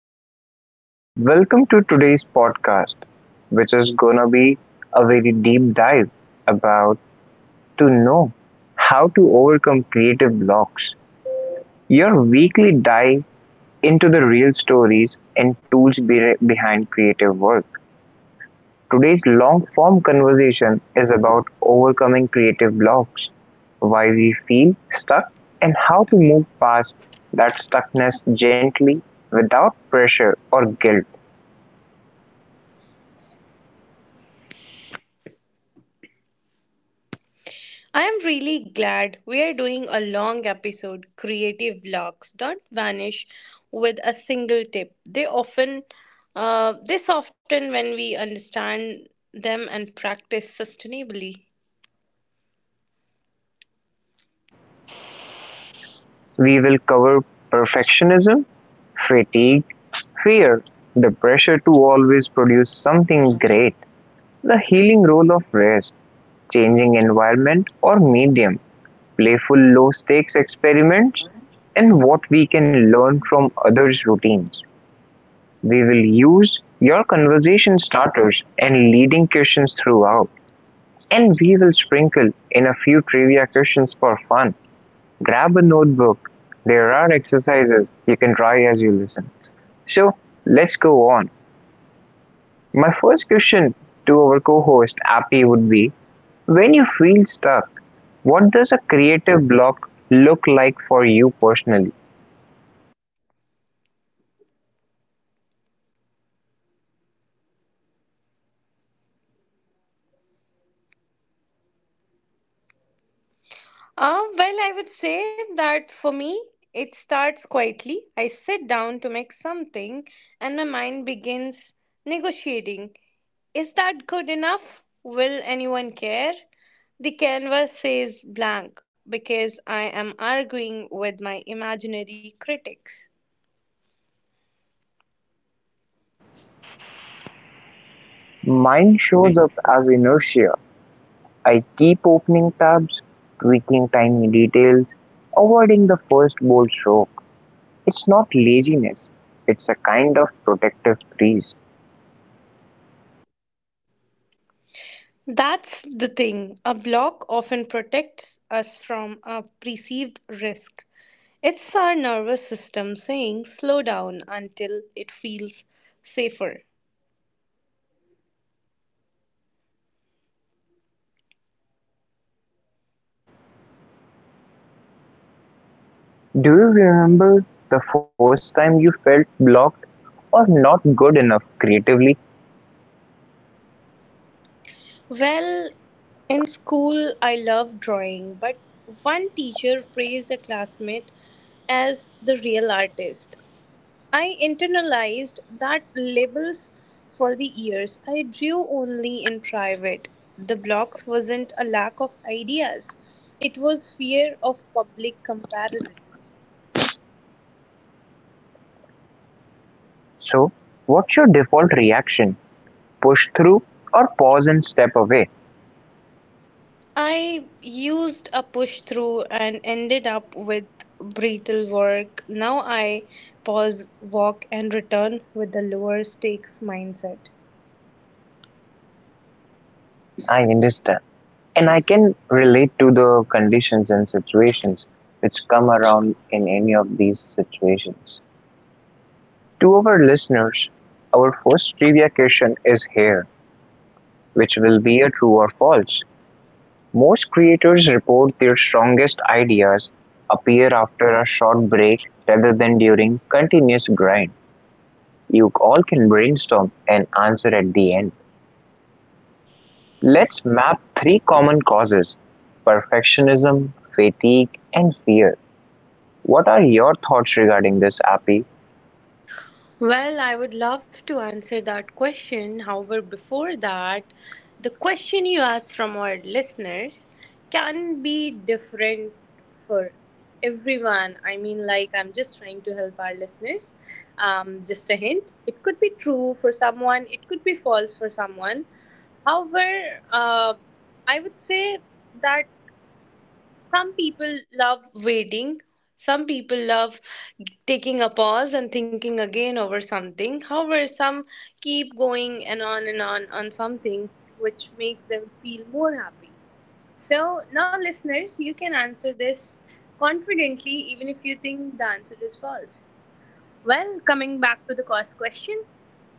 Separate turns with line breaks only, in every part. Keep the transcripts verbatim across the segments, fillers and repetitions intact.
everyone. Welcome to today's podcast, which is gonna be a very deep dive about to know how to overcome creative blocks. Your weekly dive into the real stories and tools be- behind creative work. Today's long form conversation is about overcoming creative blocks, why we feel stuck, and how to move past that stuckness gently without pressure or guilt.
I am really glad we are doing a long episode. Creative blocks don't vanish with a single tip. They often uh, they soften when we understand them and practice sustainably.
We will cover perfectionism, fatigue, fear, the pressure to always produce something great, the healing role of rest, changing environment or medium, playful low stakes experiments, and what we can learn from others' routines. We will use your conversation starters and leading questions throughout, and we will sprinkle in a few trivia questions for fun. Grab a notebook. There are exercises you can try as you listen. So let's go on. My first question to our co-host Appy would be: when you feel stuck, what does a creative block look like for you personally?
Uh, well, I would say that for me, it starts quietly. I sit down to make something, and my mind begins negotiating. Is that good enough? Will anyone care? The canvas says blank because I am arguing with my imaginary critics.
Mine shows up as inertia. I keep opening tabs, tweaking tiny details, avoiding the first bold stroke. It's not laziness, it's a kind of protective freeze.
That's the thing. A block often protects us from a perceived risk. It's our nervous system saying slow down until it feels safer.
Do you remember the first time you felt blocked or not good enough creatively?
Well, in school, I loved drawing, but one teacher praised a classmate as the real artist. I internalized that labels for the years. I drew only in private. The blocks wasn't a lack of ideas, it was fear of public comparisons.
So, what's your default reaction? Push through or pause and step away?
I used a push through and ended up with brittle work. Now I pause, walk, and return with a lower stakes mindset.
I understand. And I can relate to the conditions and situations which come around in any of these situations. To our listeners, our first trivia question is here, which will be a true or false. Most creators report their strongest ideas appear after a short break rather than during continuous grind. You all can brainstorm and answer at the end. Let's map three common causes: perfectionism, fatigue, and fear. What are your thoughts regarding this, Appy?
Well, I would love to answer that question. However, before that, the question you asked from our listeners can be different for everyone. I mean, like, I'm just trying to help our listeners. Um, just a hint, it could be true for someone, it could be false for someone. However, uh, I would say that some people love waiting, some people love taking a pause and thinking again over something, however some keep going and on and on on something which makes them feel more happy. So now listeners, you can answer this confidently even if you think the answer is false. Well, coming back to the cost question,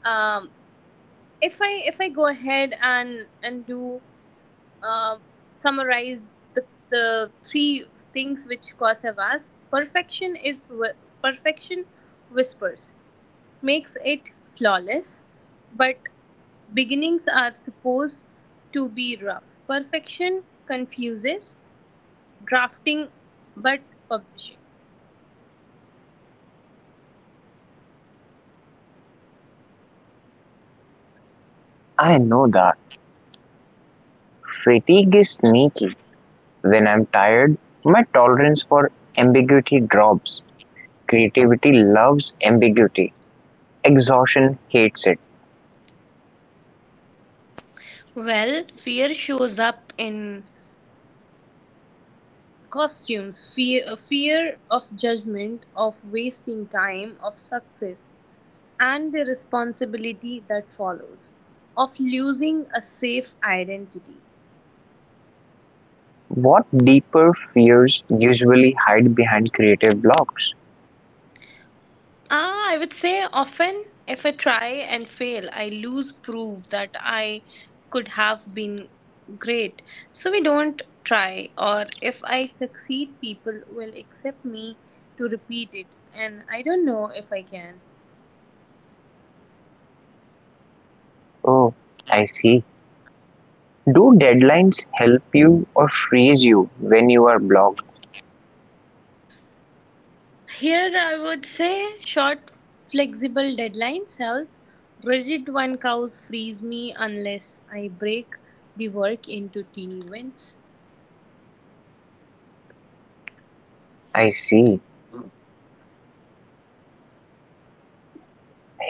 um if i if i go ahead and and do, uh, summarize the the three things which cause asked. Perfection is whi- perfection whispers, makes it flawless, but beginnings are supposed to be rough. Perfection confuses drafting, but publishing.
I know that fatigue is sneaky. When I'm tired, my tolerance for ambiguity drops. Creativity loves ambiguity, exhaustion hates it.
Well, fear shows up in costumes. Fear, fear of judgment, of wasting time, of success and the responsibility that follows, of losing a safe identity.
What deeper fears usually hide behind creative blocks?
Ah, I would say often, if I try and fail, I lose proof that I could have been great. So we don't try, or if I succeed, people will accept me to repeat it, and I don't know if I can.
Oh, I see. Do deadlines help you or freeze you when you are blocked?
Here I would say short, flexible deadlines help. Rigid one cows freeze me unless I break the work into teeny wins.
I see.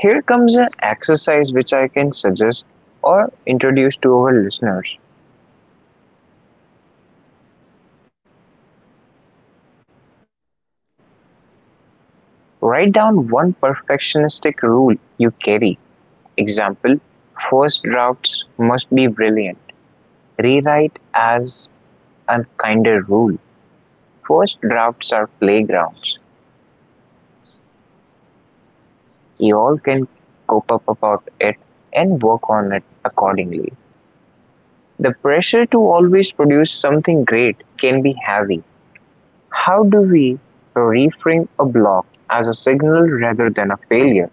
Here comes an exercise which I can suggest or introduce to our listeners. Write down one perfectionistic rule you carry. Example, first drafts must be brilliant. Rewrite as a kinder rule. First drafts are playgrounds. You all can cope up about it and work on it accordingly. The pressure to always produce something great can be heavy. How do we reframe a block as a signal rather than a failure,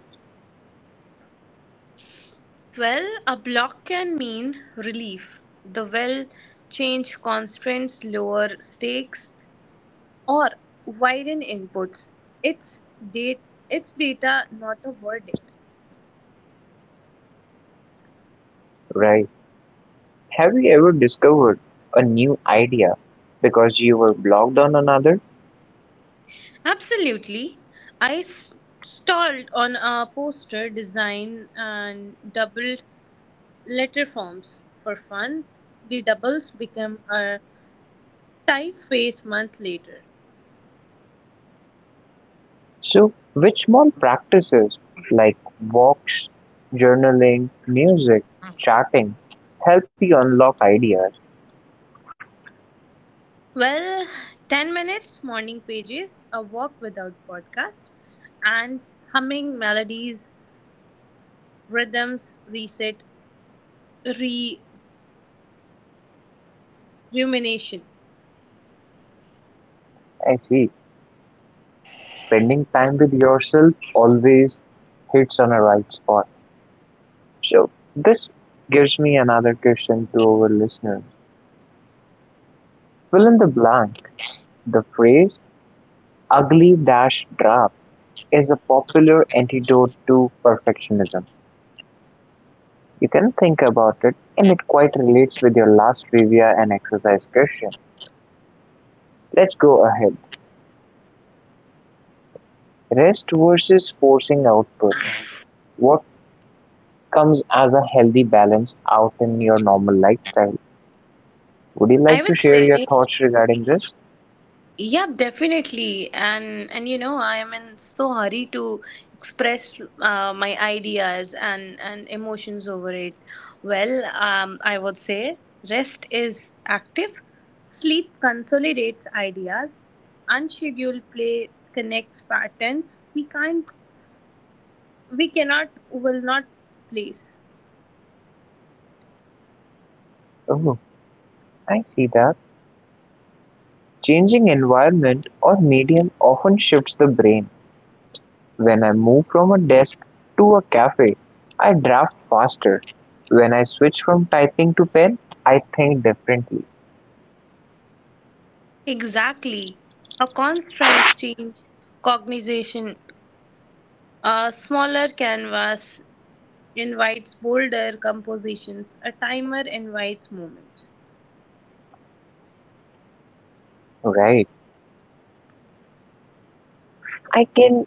Well, a block can mean relief. The well change constraints, lower stakes, or widen inputs. It's date, it's data, not a verdict.
right? Have you ever discovered a new idea because you were blocked on another?
Absolutely. I s- Stalled on a poster design and doubled letter forms. For fun, the doubles become a type phase month later.
So, which small practices like walks, journaling, music, chatting help you unlock ideas?
Well, ten minutes, morning pages, a walk without podcast, and humming melodies, rhythms, reset, re rumination.
I see. Spending time with yourself always hits on a right spot. So this gives me another question to our listeners. Fill in the blank. The phrase ugly dash draft is a popular antidote to perfectionism. You can think about it and it quite relates with your last trivia and exercise question. Let's go ahead. Rest versus forcing output. What comes as a healthy balance out in your normal lifestyle? Would you
I
like to
would
share
say
your thoughts regarding this?
yeah, definitely. And and you know, I am in so hurry to express uh, my ideas and and emotions over it. Well, um, I would say rest is active, sleep consolidates ideas, unscheduled play connects patterns we can't we cannot will not place.
Oh, I see that. Changing environment or medium often shifts the brain. When I move from a desk to a cafe, I draft faster. When I switch from typing to pen, I think differently.
Exactly. A constant change, cognization, a smaller canvas invites bolder compositions, a timer invites moments.
Right. I can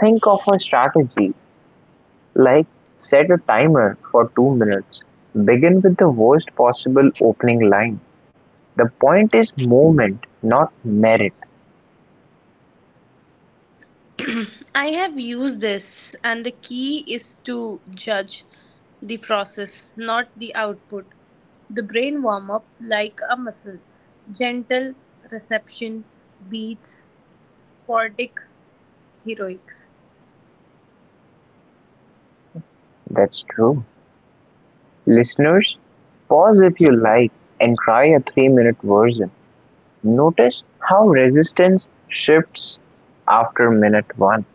think of a strategy like set a timer for two minutes. Begin with the worst possible opening line. The point is movement, not merit.
I have used this, and the key is to judge the process, not the output. The brain warm up like a muscle, gentle reception beats sporadic heroics.
That's true. Listeners, pause if you like and try a three-minute version. Notice how resistance shifts after minute one.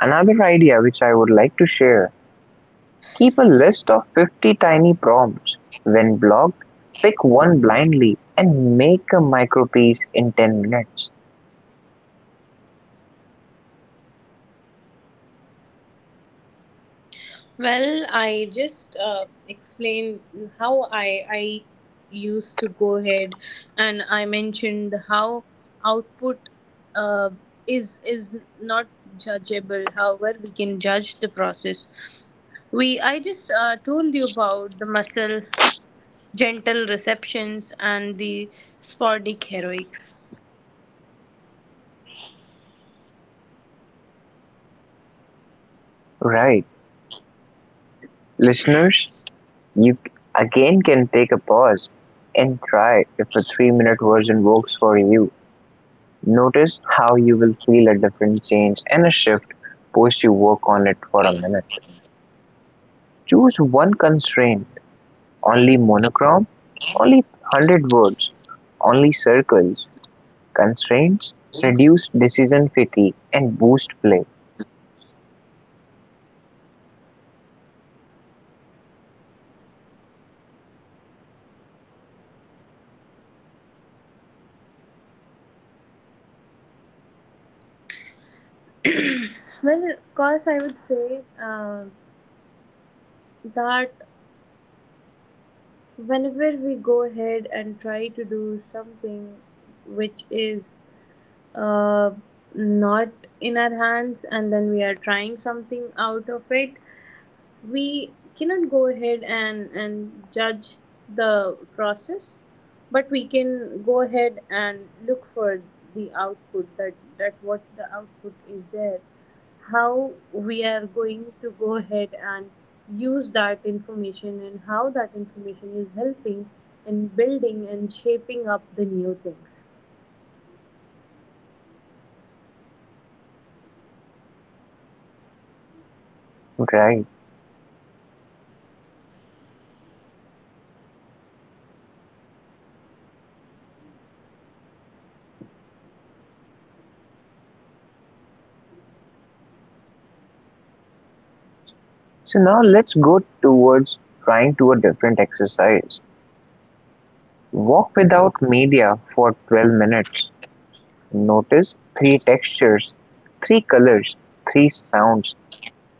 Another idea which I would like to share, keep a list of fifty tiny prompts. When blocked, pick one blindly and make a micropiece in ten minutes.
Well, I just uh, explained how I I used to go ahead, and I mentioned how output uh, is is not judgeable. However, we can judge the process. We I just uh, told you about the muscle gentle receptions and the sporadic heroics.
Right. Listeners, you again can take a pause and try if a three minute version works for you. Notice how you will feel a different change and a shift post you work on it for a minute. Choose one constraint, only monochrome, only one hundred words, only circles. Constraints reduce decision fatigue and boost play.
Well, of course, I would say uh, that whenever we go ahead and try to do something which is uh, not in our hands and then we are trying something out of it, we cannot go ahead and and judge the process, but we can go ahead and look for the output, that that what the output is there, how we are going to go ahead and use that information and how that information is helping and building and shaping up the new things.
Right. So now let's go towards trying to a different exercise. Walk without media for twelve minutes. Notice three textures, three colors, three sounds.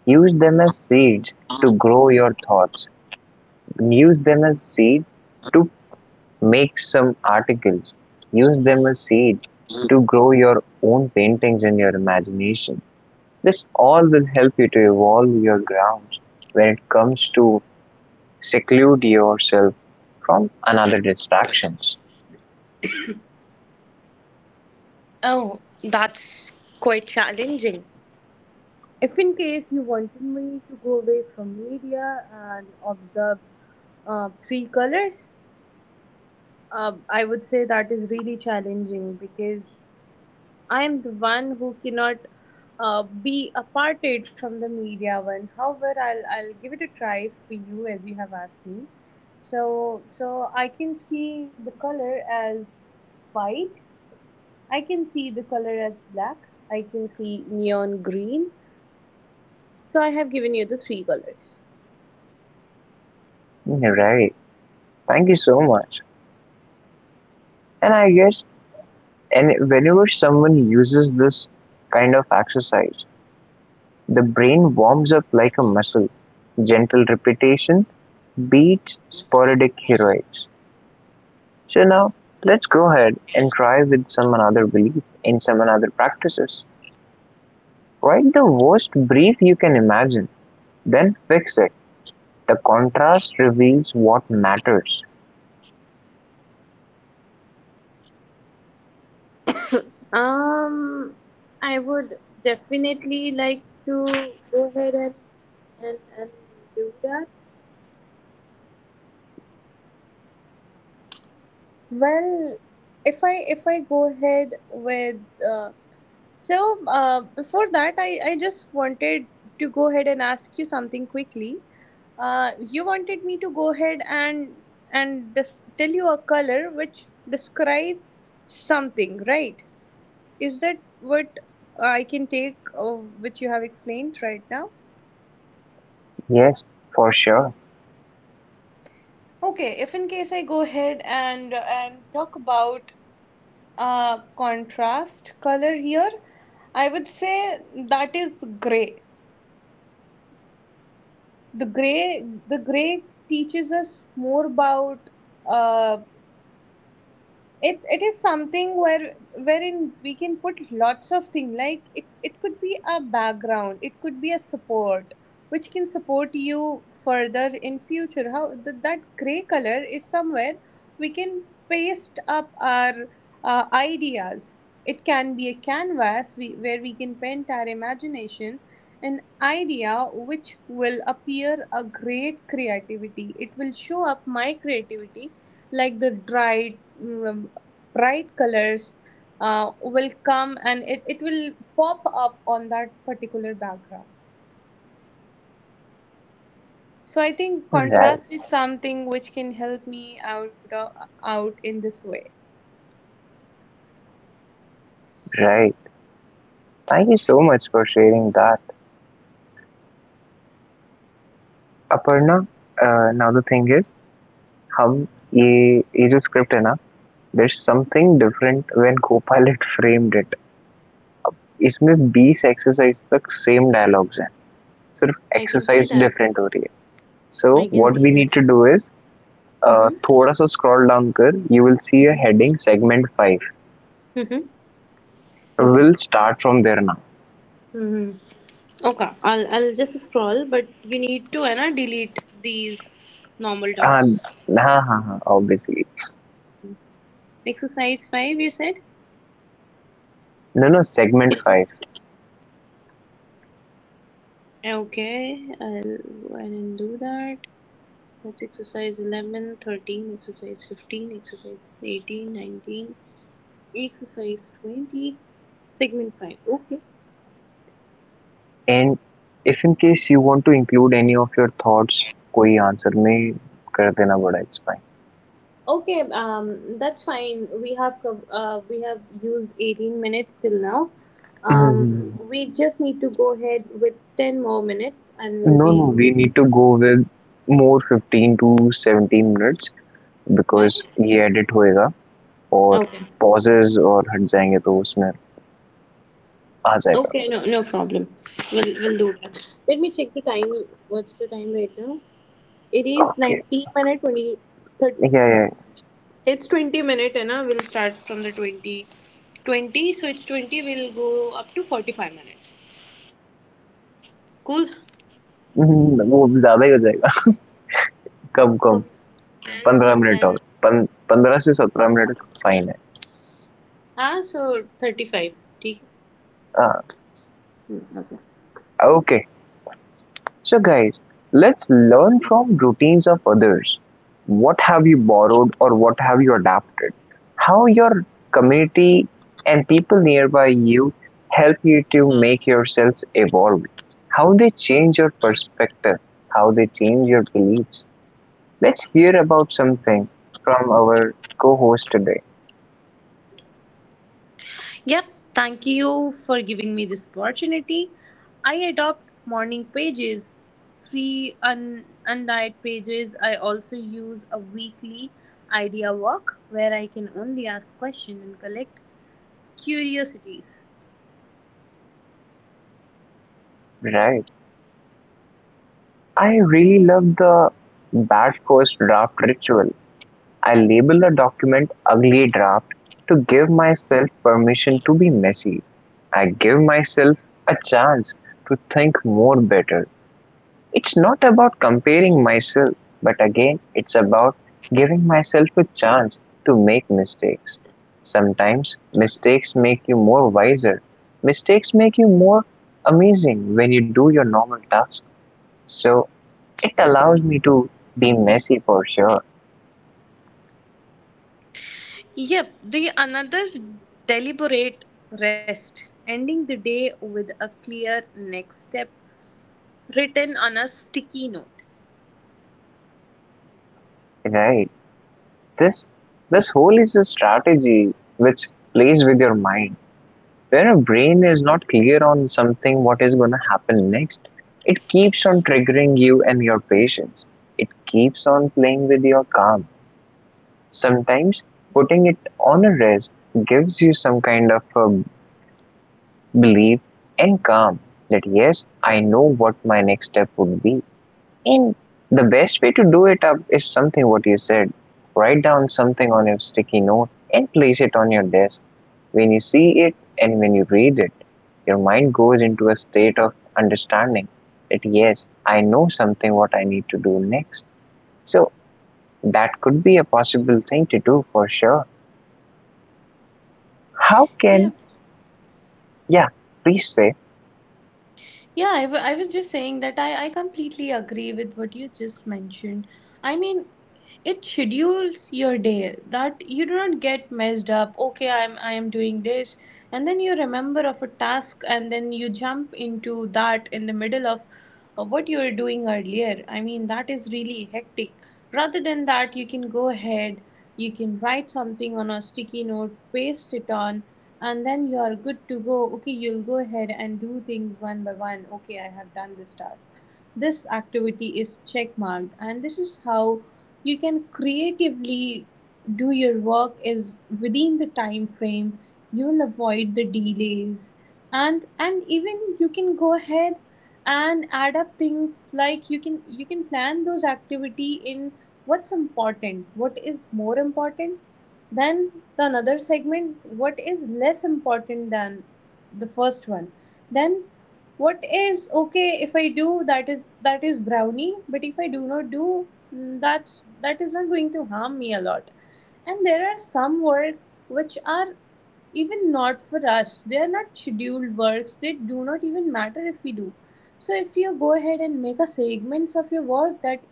Use them as seeds to grow your thoughts. Use them as seed to make some articles. Use them as seed to grow your own paintings and your imagination. This all will help you to evolve your grounds when it comes to seclude yourself from another distractions.
Oh, that's quite challenging. If in case you wanted me to go away from media and observe uh, three colors, uh, I would say that is really challenging because I am the one who cannot uh, be aparted from the media one. However, I'll I'll give it a try for you as you have asked me. So so I can see the color as white. I can see the color as black. I can see neon green. So I have given you the three colors.
Right. Thank you so much. And I guess, and whenever someone uses this kind of exercise, the brain warms up like a muscle, gentle repetition beats sporadic heroics. So now let's go ahead and try with some another belief in some another practices. Write the worst brief you can imagine, then fix it. The contrast reveals what matters.
Um, I would definitely like to go ahead and and, and do that. Well, if I if I go ahead with uh, so uh, before that, I I just wanted to go ahead and ask you something quickly. Uh, you wanted me to go ahead and and dis- tell you a color which describe something, right? Is that what I can take, uh, which you have explained right now?
Yes, for sure.
Okay, if in case I go ahead and and talk about uh contrast color here, I would say that is gray. The gray the gray teaches us more about uh it it is something where wherein we can put lots of things, like it it could be a background, it could be a support which can support you further in future, how th that gray color is somewhere we can paste up our uh, ideas. It can be a canvas we, where we can paint our imagination, an idea which will appear a great creativity. It will show up my creativity, like the dried mm, bright colors uh, will come and it, it will pop up on that particular background. So I think
Right,
contrast is something which can help me out of, out in this way.
right. Thank you so much for sharing that. Aparna, uh, now the thing is, hum, ye, ye jo script hai na. There's something different when Copilot framed it. इसमें बीस exercise तक same dialogues हैं,
I
सिर्फ
can see that.
Exercise different हो रही है,
I
so
can see
what we
that.
Need to do is
Mm-hmm.
थोड़ा सा स्क्रॉल डाउन कर, you will see a heading segment five.
Mm-hmm. Okay.
Will start from there now.
Hmm. Okay. I'll I'll just scroll, but you need to Anna delete these normal
हाँ
docs.
हाँ हाँ हाँ obviously.
Exercise five, you said.
No no, segment five.
Okay. I'll go ahead and do that. That's exercise eleven, thirteen, exercise fifteen, exercise eighteen, nineteen, exercise twenty, segment five. Okay.
And if in case you want to include any of your thoughts, कोई answer में कर देना, बड़ा it's
Okay, um, that's fine. We have cov- uh, we have used eighteen minutes till now.
Fine.
Um, we just need to go ahead with ten more minutes and we'll
No,
be.
no, we need to go with more fifteen to seventeen minutes,
Why?
Because ये edit होएगा, और
Okay.
Possess और हट जाएंगे तो उसमें आ जाएगा.
Okay, no no problem. We'll we'll do that. Let me check the time. What's the time right now? It is
okay.
nineteen minute twenty thirty.
या या,
It's twenty minute, Anna. We'll start from the twenty. twenty, so it's twenty, we'll go up to forty-five minutes. Cool?
वो ज्यादा ही हो जाएगा.
So,
come
f-
come
and
पंद्रह
then,
minute और पन, पंद्रह से सत्रह मिनट फाइन है.
ah, so thirty-five. ठीक है?
हाँ.
Hmm, okay.
Okay. So guys, let's learn from routines of others. What have you borrowed or what have you adapted? How your community and people nearby you help you to make yourselves evolve. How they change your perspective, how they change your beliefs. Let's hear about something from our co-host today,
Yep, thank you for giving me this opportunity. I adopt morning pages, three un- undyed pages. I also use a weekly idea walk where I can only ask questions and collect curiosities.
right? I really love the bad first draft ritual. I label a document ugly draft to give myself permission to be messy. I give myself a chance to think more better. It's not about comparing myself, but again, it's about giving myself a chance to make mistakes. Sometimes mistakes make you more wiser. Mistakes make you more amazing when you do your normal tasks. So it allows me to be messy for sure,
Yep, the another's deliberate rest, ending the day with a clear next step written on a sticky note.
right? This this whole is a strategy which plays with your mind. When a brain is not clear on something, what is going to happen next, it keeps on triggering you and your patience. It keeps on playing with your calm. Sometimes putting it on a rest gives you some kind of a belief and calm that yes, I know what my next step would be. And the best way to do it up is something what you said. Write down something on your sticky note and place it on your desk. When you see it and when you read it, your mind goes into a state of understanding that yes, I know something what I need to do next. So that could be a possible thing to do for sure. How
Yeah,
can, yeah, please say,
Yeah, I wa- I was just saying that I, I completely agree with what you just mentioned. I mean, it schedules your day that you do not get messed up. Okay, I'm I am doing this, and then you remember of a task, and then you jump into that in the middle of, of what you were doing earlier. I mean, that is really hectic. Rather than that, you can go ahead. You can write something on a sticky note, paste it on, and then you are good to go. Okay, you'll go ahead and do things one by one. Okay, I have done this task, this activity is check marked, and this is how you can creatively do your work is within the time frame. You'll avoid the delays, and and even you can go ahead and add up things, like you can you can plan those activity in what's important, what is more important then the another segment, what is less important than the first one? Then what is okay if I do that, is that is brownie, but if I do not do, mm, that's that is not going to harm me a lot. And there are some work which are even not for us. They are not scheduled works. They do not even matter if we do. So if you go ahead and make a segments of your work, that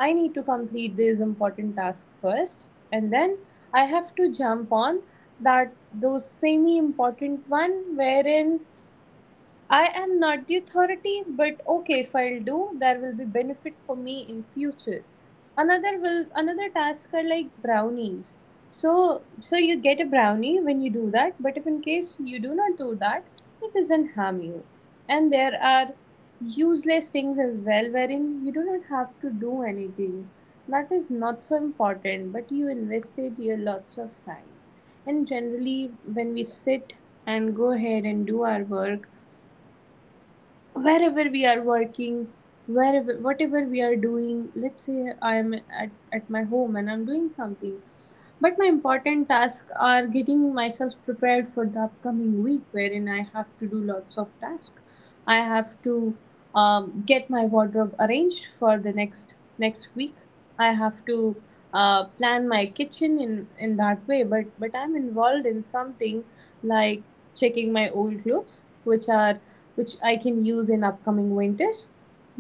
I need to complete this important task first, and then I have to jump on that, those semi important one, wherein I am not the authority, but okay, if I'll do, there will be benefit for me in future. Another will another task are like brownies. So so you get a brownie when you do that, but if in case you do not do that, it doesn't harm you. And there are useless things as well wherein you do not have to do anything. That is not so important, but you invested your lots of time. And generally when we sit and go ahead and do our work wherever we are working, wherever whatever we are doing, let's say I am at, at my home and I'm doing something, but my important tasks are getting myself prepared for the upcoming week wherein I have to do lots of tasks. I have to um, get my wardrobe arranged for the next next week. I have to uh, plan my kitchen in in that way, but but I'm involved in something like checking my old clothes which are which I can use in upcoming winters.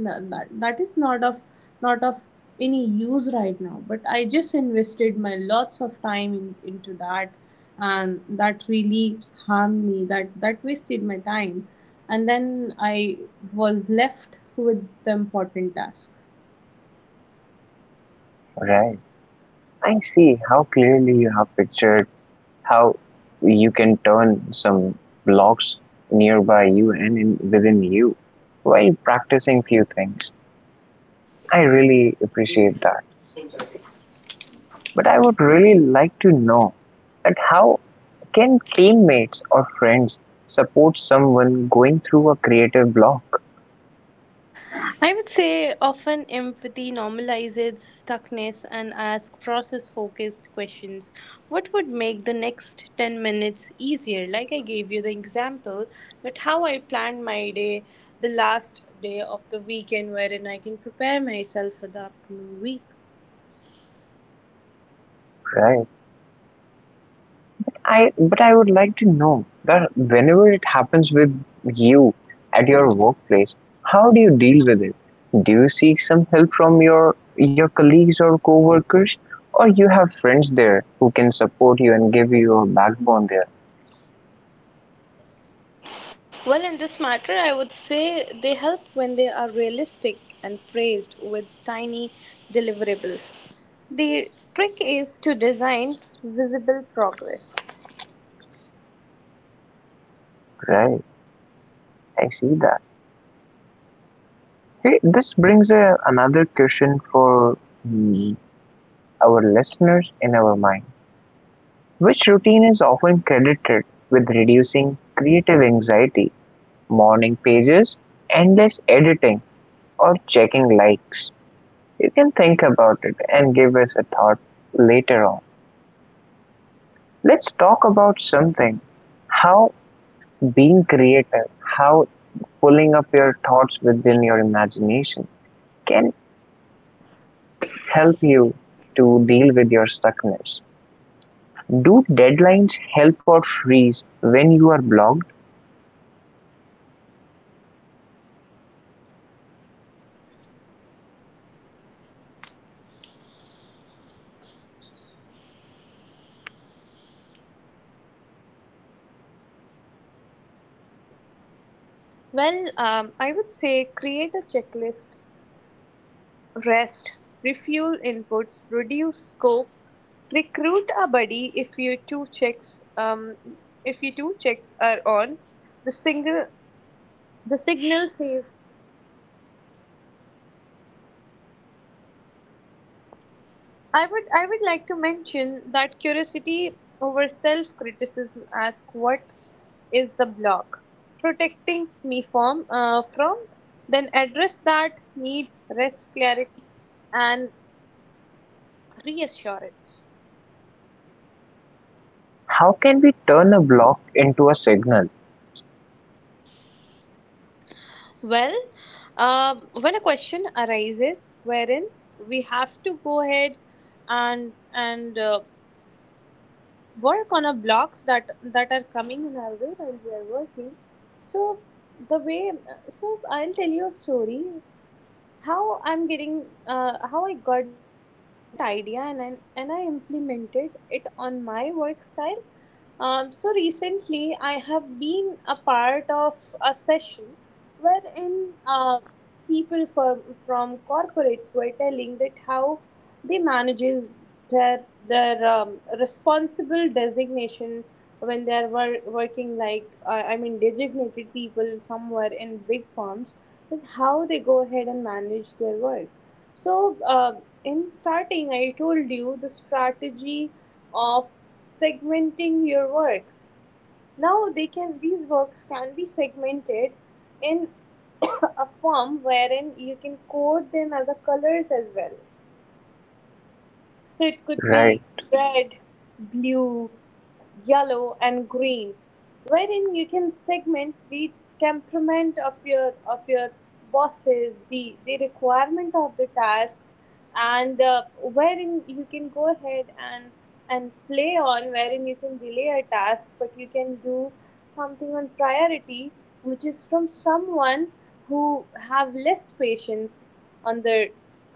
No, that, that is not of not of any use right now, but I just invested my lots of time in, into that, and that really harmed me, that that wasted my time, and then I was left with the important task.
right. I see how clearly you have pictured how you can turn some blocks nearby you and in, within you while practicing few things. I really appreciate that. But I would really like to know that how can teammates or friends support someone going through a creative block,
I would say often empathy normalizes stuckness and asks process focused questions. What would make the next ten minutes easier? Like I gave you the example that how I planned my day, the last day of the weekend, wherein I can prepare myself for the upcoming week.
right? I but I would like to know that whenever it happens with you at your workplace, how do you deal with it? Do you seek some help from your your colleagues or coworkers, or you have friends there who can support you and give you a backbone there?
Well, in this matter, I would say they help when they are realistic and praised with tiny deliverables. The trick is to design visible progress.
Right, I see that. Hey, this brings a, another question for mm, our listeners in our mind. Which routine is often credited with reducing creative anxiety? Morning pages, endless editing, or checking likes. You can think about it and give us a thought later on. Let's talk about something, how being creative, how pulling up your thoughts within your imagination can help you to deal with your stuckness. Do deadlines help or freeze when you are blocked?
Well, um, I would say create a checklist, rest, refuel inputs, reduce scope, recruit a buddy if you two checks um if you two checks are on. The single the signal says I would I would like to mention that curiosity over self criticism, ask what is the block protecting me from, uh, from then address that need, rest, clarity, and reassurance.
How can we turn a block into a signal?
Well, um, when a question arises wherein we have to go ahead and and uh, work on our blocks that that are coming in our way while we are working. So the way uh, so I'll tell you a story how I'm getting uh, how I got that idea, and I, and I implemented it on my work style. Um, so recently, I have been a part of a session wherein uh, people from from corporates were telling that how they manages their their um, responsible designation when they are wor- working, like uh, I mean designated people somewhere in big firms, that how they go ahead and manage their work. So uh, in starting, I told you the strategy of segmenting your works. Now they can, these works can be segmented in a form wherein you can code them as a colors as well. So it could
Right,
be red, blue, yellow, and green, wherein you can segment the temperament of your of your bosses, the the requirement of the task, and uh, wherein you can go ahead and and play on, wherein you can delay a task, but you can do something on priority, which is from someone who have less patience on the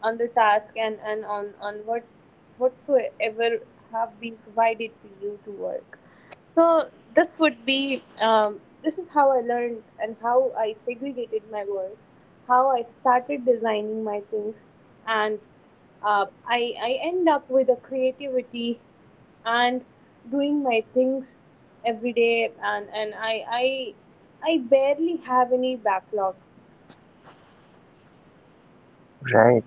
on the task, and and on on what whatsoever have been provided to you to work. So this would be um, this is how I learned and how I segregated my works, how I started designing my things, and uh, I I end up with a creativity and doing my things every day, and and I I I barely have any backlog.
right.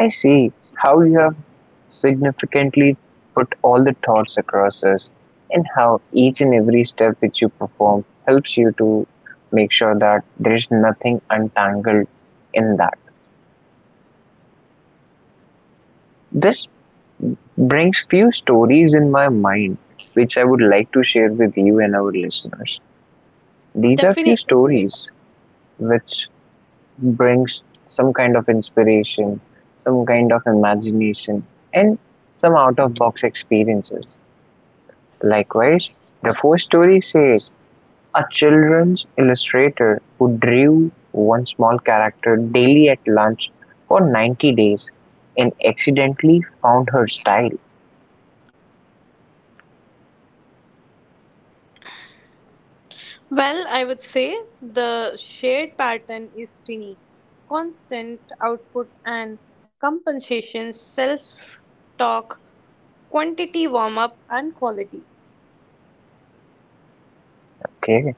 I see how you have significantly put all the thoughts across us, and how each and every step which you perform helps you to make sure that there is nothing untangled in that. This brings few stories in my mind which I would like to share with you and our listeners. These are few stories which brings some kind of inspiration, some kind of imagination and some out of box experiences. Likewise, the fourth story says: a children's illustrator who drew one small character daily at lunch for ninety days and accidentally found her style.
Well, I would say the shared pattern is tiny constant output and compensation, self talk, quantity warm up, and quality.
Okay.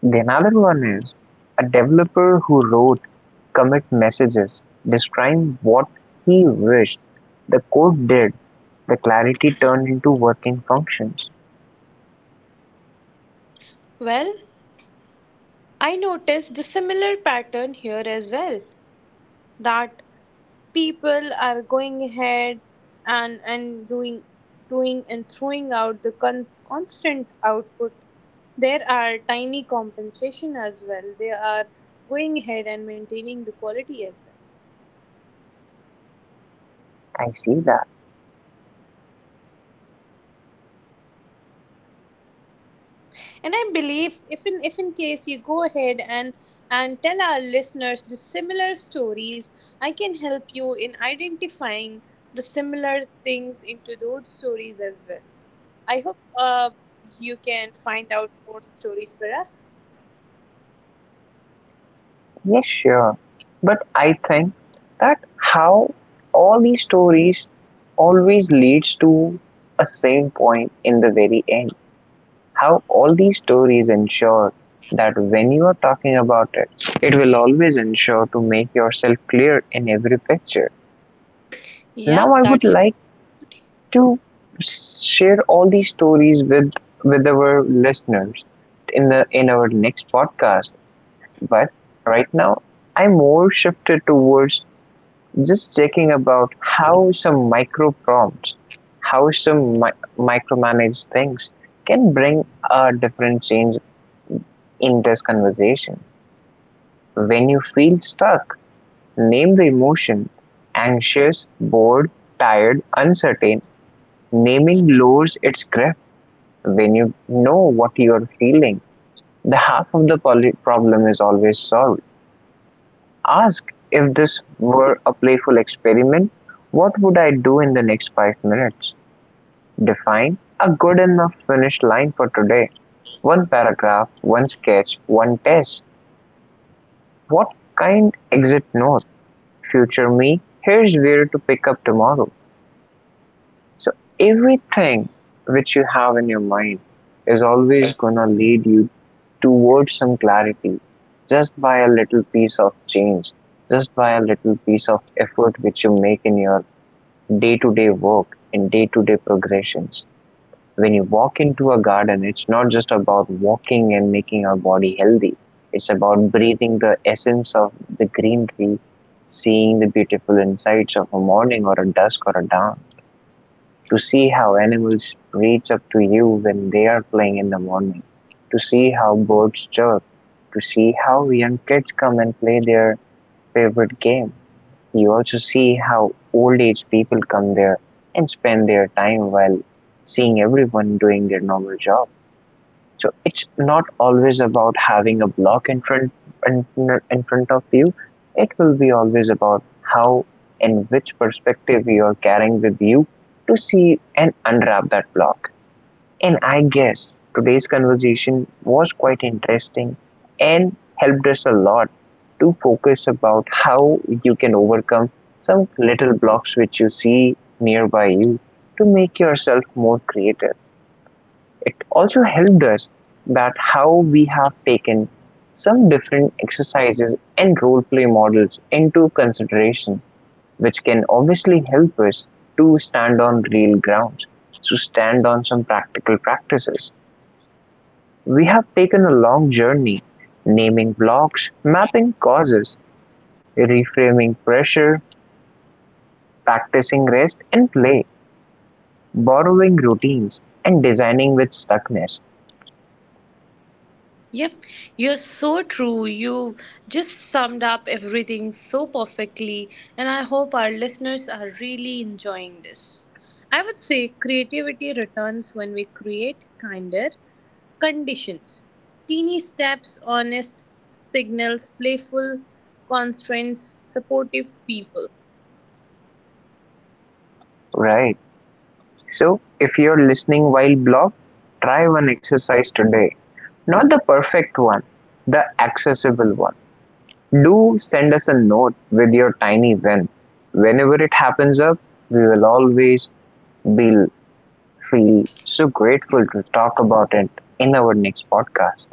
The another one is a developer who wrote commit messages describing what he wished the code did. The clarity turned into working functions.
Well, I noticed the similar pattern here as well, that people are going ahead and, and doing, doing and throwing out the con- constant output. There are tiny compensation as well, they are going ahead and maintaining the quality as well.
I see that.
And I believe if in if in case you go ahead and and tell our listeners the similar stories, I can help you in identifying the similar things into those stories as well. I hope uh, you can find out more stories for us.
Yes, sure. But I think that how all these stories always leads to a same point in the very end. How all these stories ensure that when you are talking about it, it will always ensure to make yourself clear in every picture. Now
Yep,
I
that.
would like to share all these stories with with our listeners in the in our next podcast. But right now I more shifted towards just checking about how some micro prompts, how some mi- micromanage things can bring a different change in this conversation. When you feel stuck, name the emotion anxious, bored, tired, uncertain. Naming lowers its grip when you know what you are feeling. The half of the poly- problem is always solved. Ask if this were a playful experiment, what would I do in the next five minutes? Define a good enough finish line for today. One paragraph, one sketch, one test. What kind exit note? Future me, here's where to pick up tomorrow. So everything which you have in your mind is always gonna lead you towards some clarity just by a little piece of change, just by a little piece of effort which you make in your day to day work and day to day progressions. When you walk into a garden, it's not just about walking and making our body healthy. It's about breathing the essence of the green tree, seeing the beautiful insights of a morning or a dusk or a dawn, to see how animals reach up to you when they are playing in the morning, to see how birds chirp, to see how young kids come and play their favorite game. You also see how old age people come there and spend their time while seeing everyone doing their normal job. So it's not always about having a block in front in, in front of you. It will be always about how and which perspective you are carrying with you to see and unwrap that block. And I guess today's conversation was quite interesting and helped us a lot to focus about how you can overcome some little blocks which you see nearby you to make yourself more creative. It also helped us that how we have taken some different exercises and role play models into consideration, which can obviously help us to stand on real grounds, to stand on some practical practices. We have taken a long journey, naming blocks, mapping causes, reframing pressure, practicing rest and play, borrowing routines, and designing with stuckness.
Yep, you're so true. You just summed up everything so perfectly, and I hope our listeners are really enjoying this. I would say creativity returns when we create kinder conditions. Teeny steps, honest signals, playful constraints, supportive people.
Right. So, if you're listening while blocked, try one exercise today. Not the perfect one, the accessible one. Do send us a note with your tiny win. Whenever it happens up, we will always be really so grateful to talk about it in our next podcast.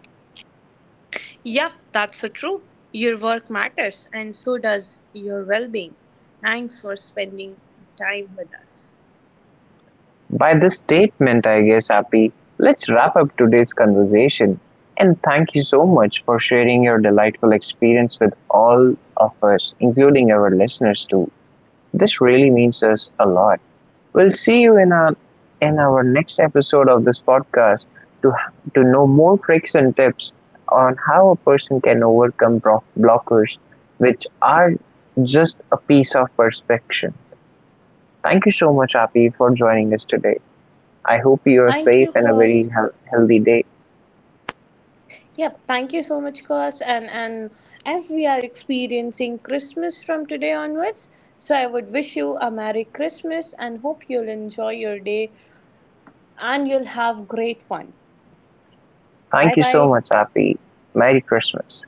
Yep, that's so true. Your work matters, and so does your well being. Thanks for spending time with us.
By this statement, I guess, Happy, let's wrap up today's conversation. And thank you so much for sharing your delightful experience with all of us, including our listeners too. This really means us a lot. We'll see you in our in our next episode of this podcast to to know more tricks and tips on how a person can overcome bro- blockers, which are just a piece of perfection. Thank you so much, Api, for joining us today. I hope you are
Thank
safe
you,
and a
boss.
very heal- healthy day.
Yep, thank you so much, Kos. And and as we are experiencing Christmas from today onwards, so I would wish you a Merry Christmas and hope you'll enjoy your day and you'll have great fun. Bye
Thank you so
bye.
much, Api. Merry Christmas.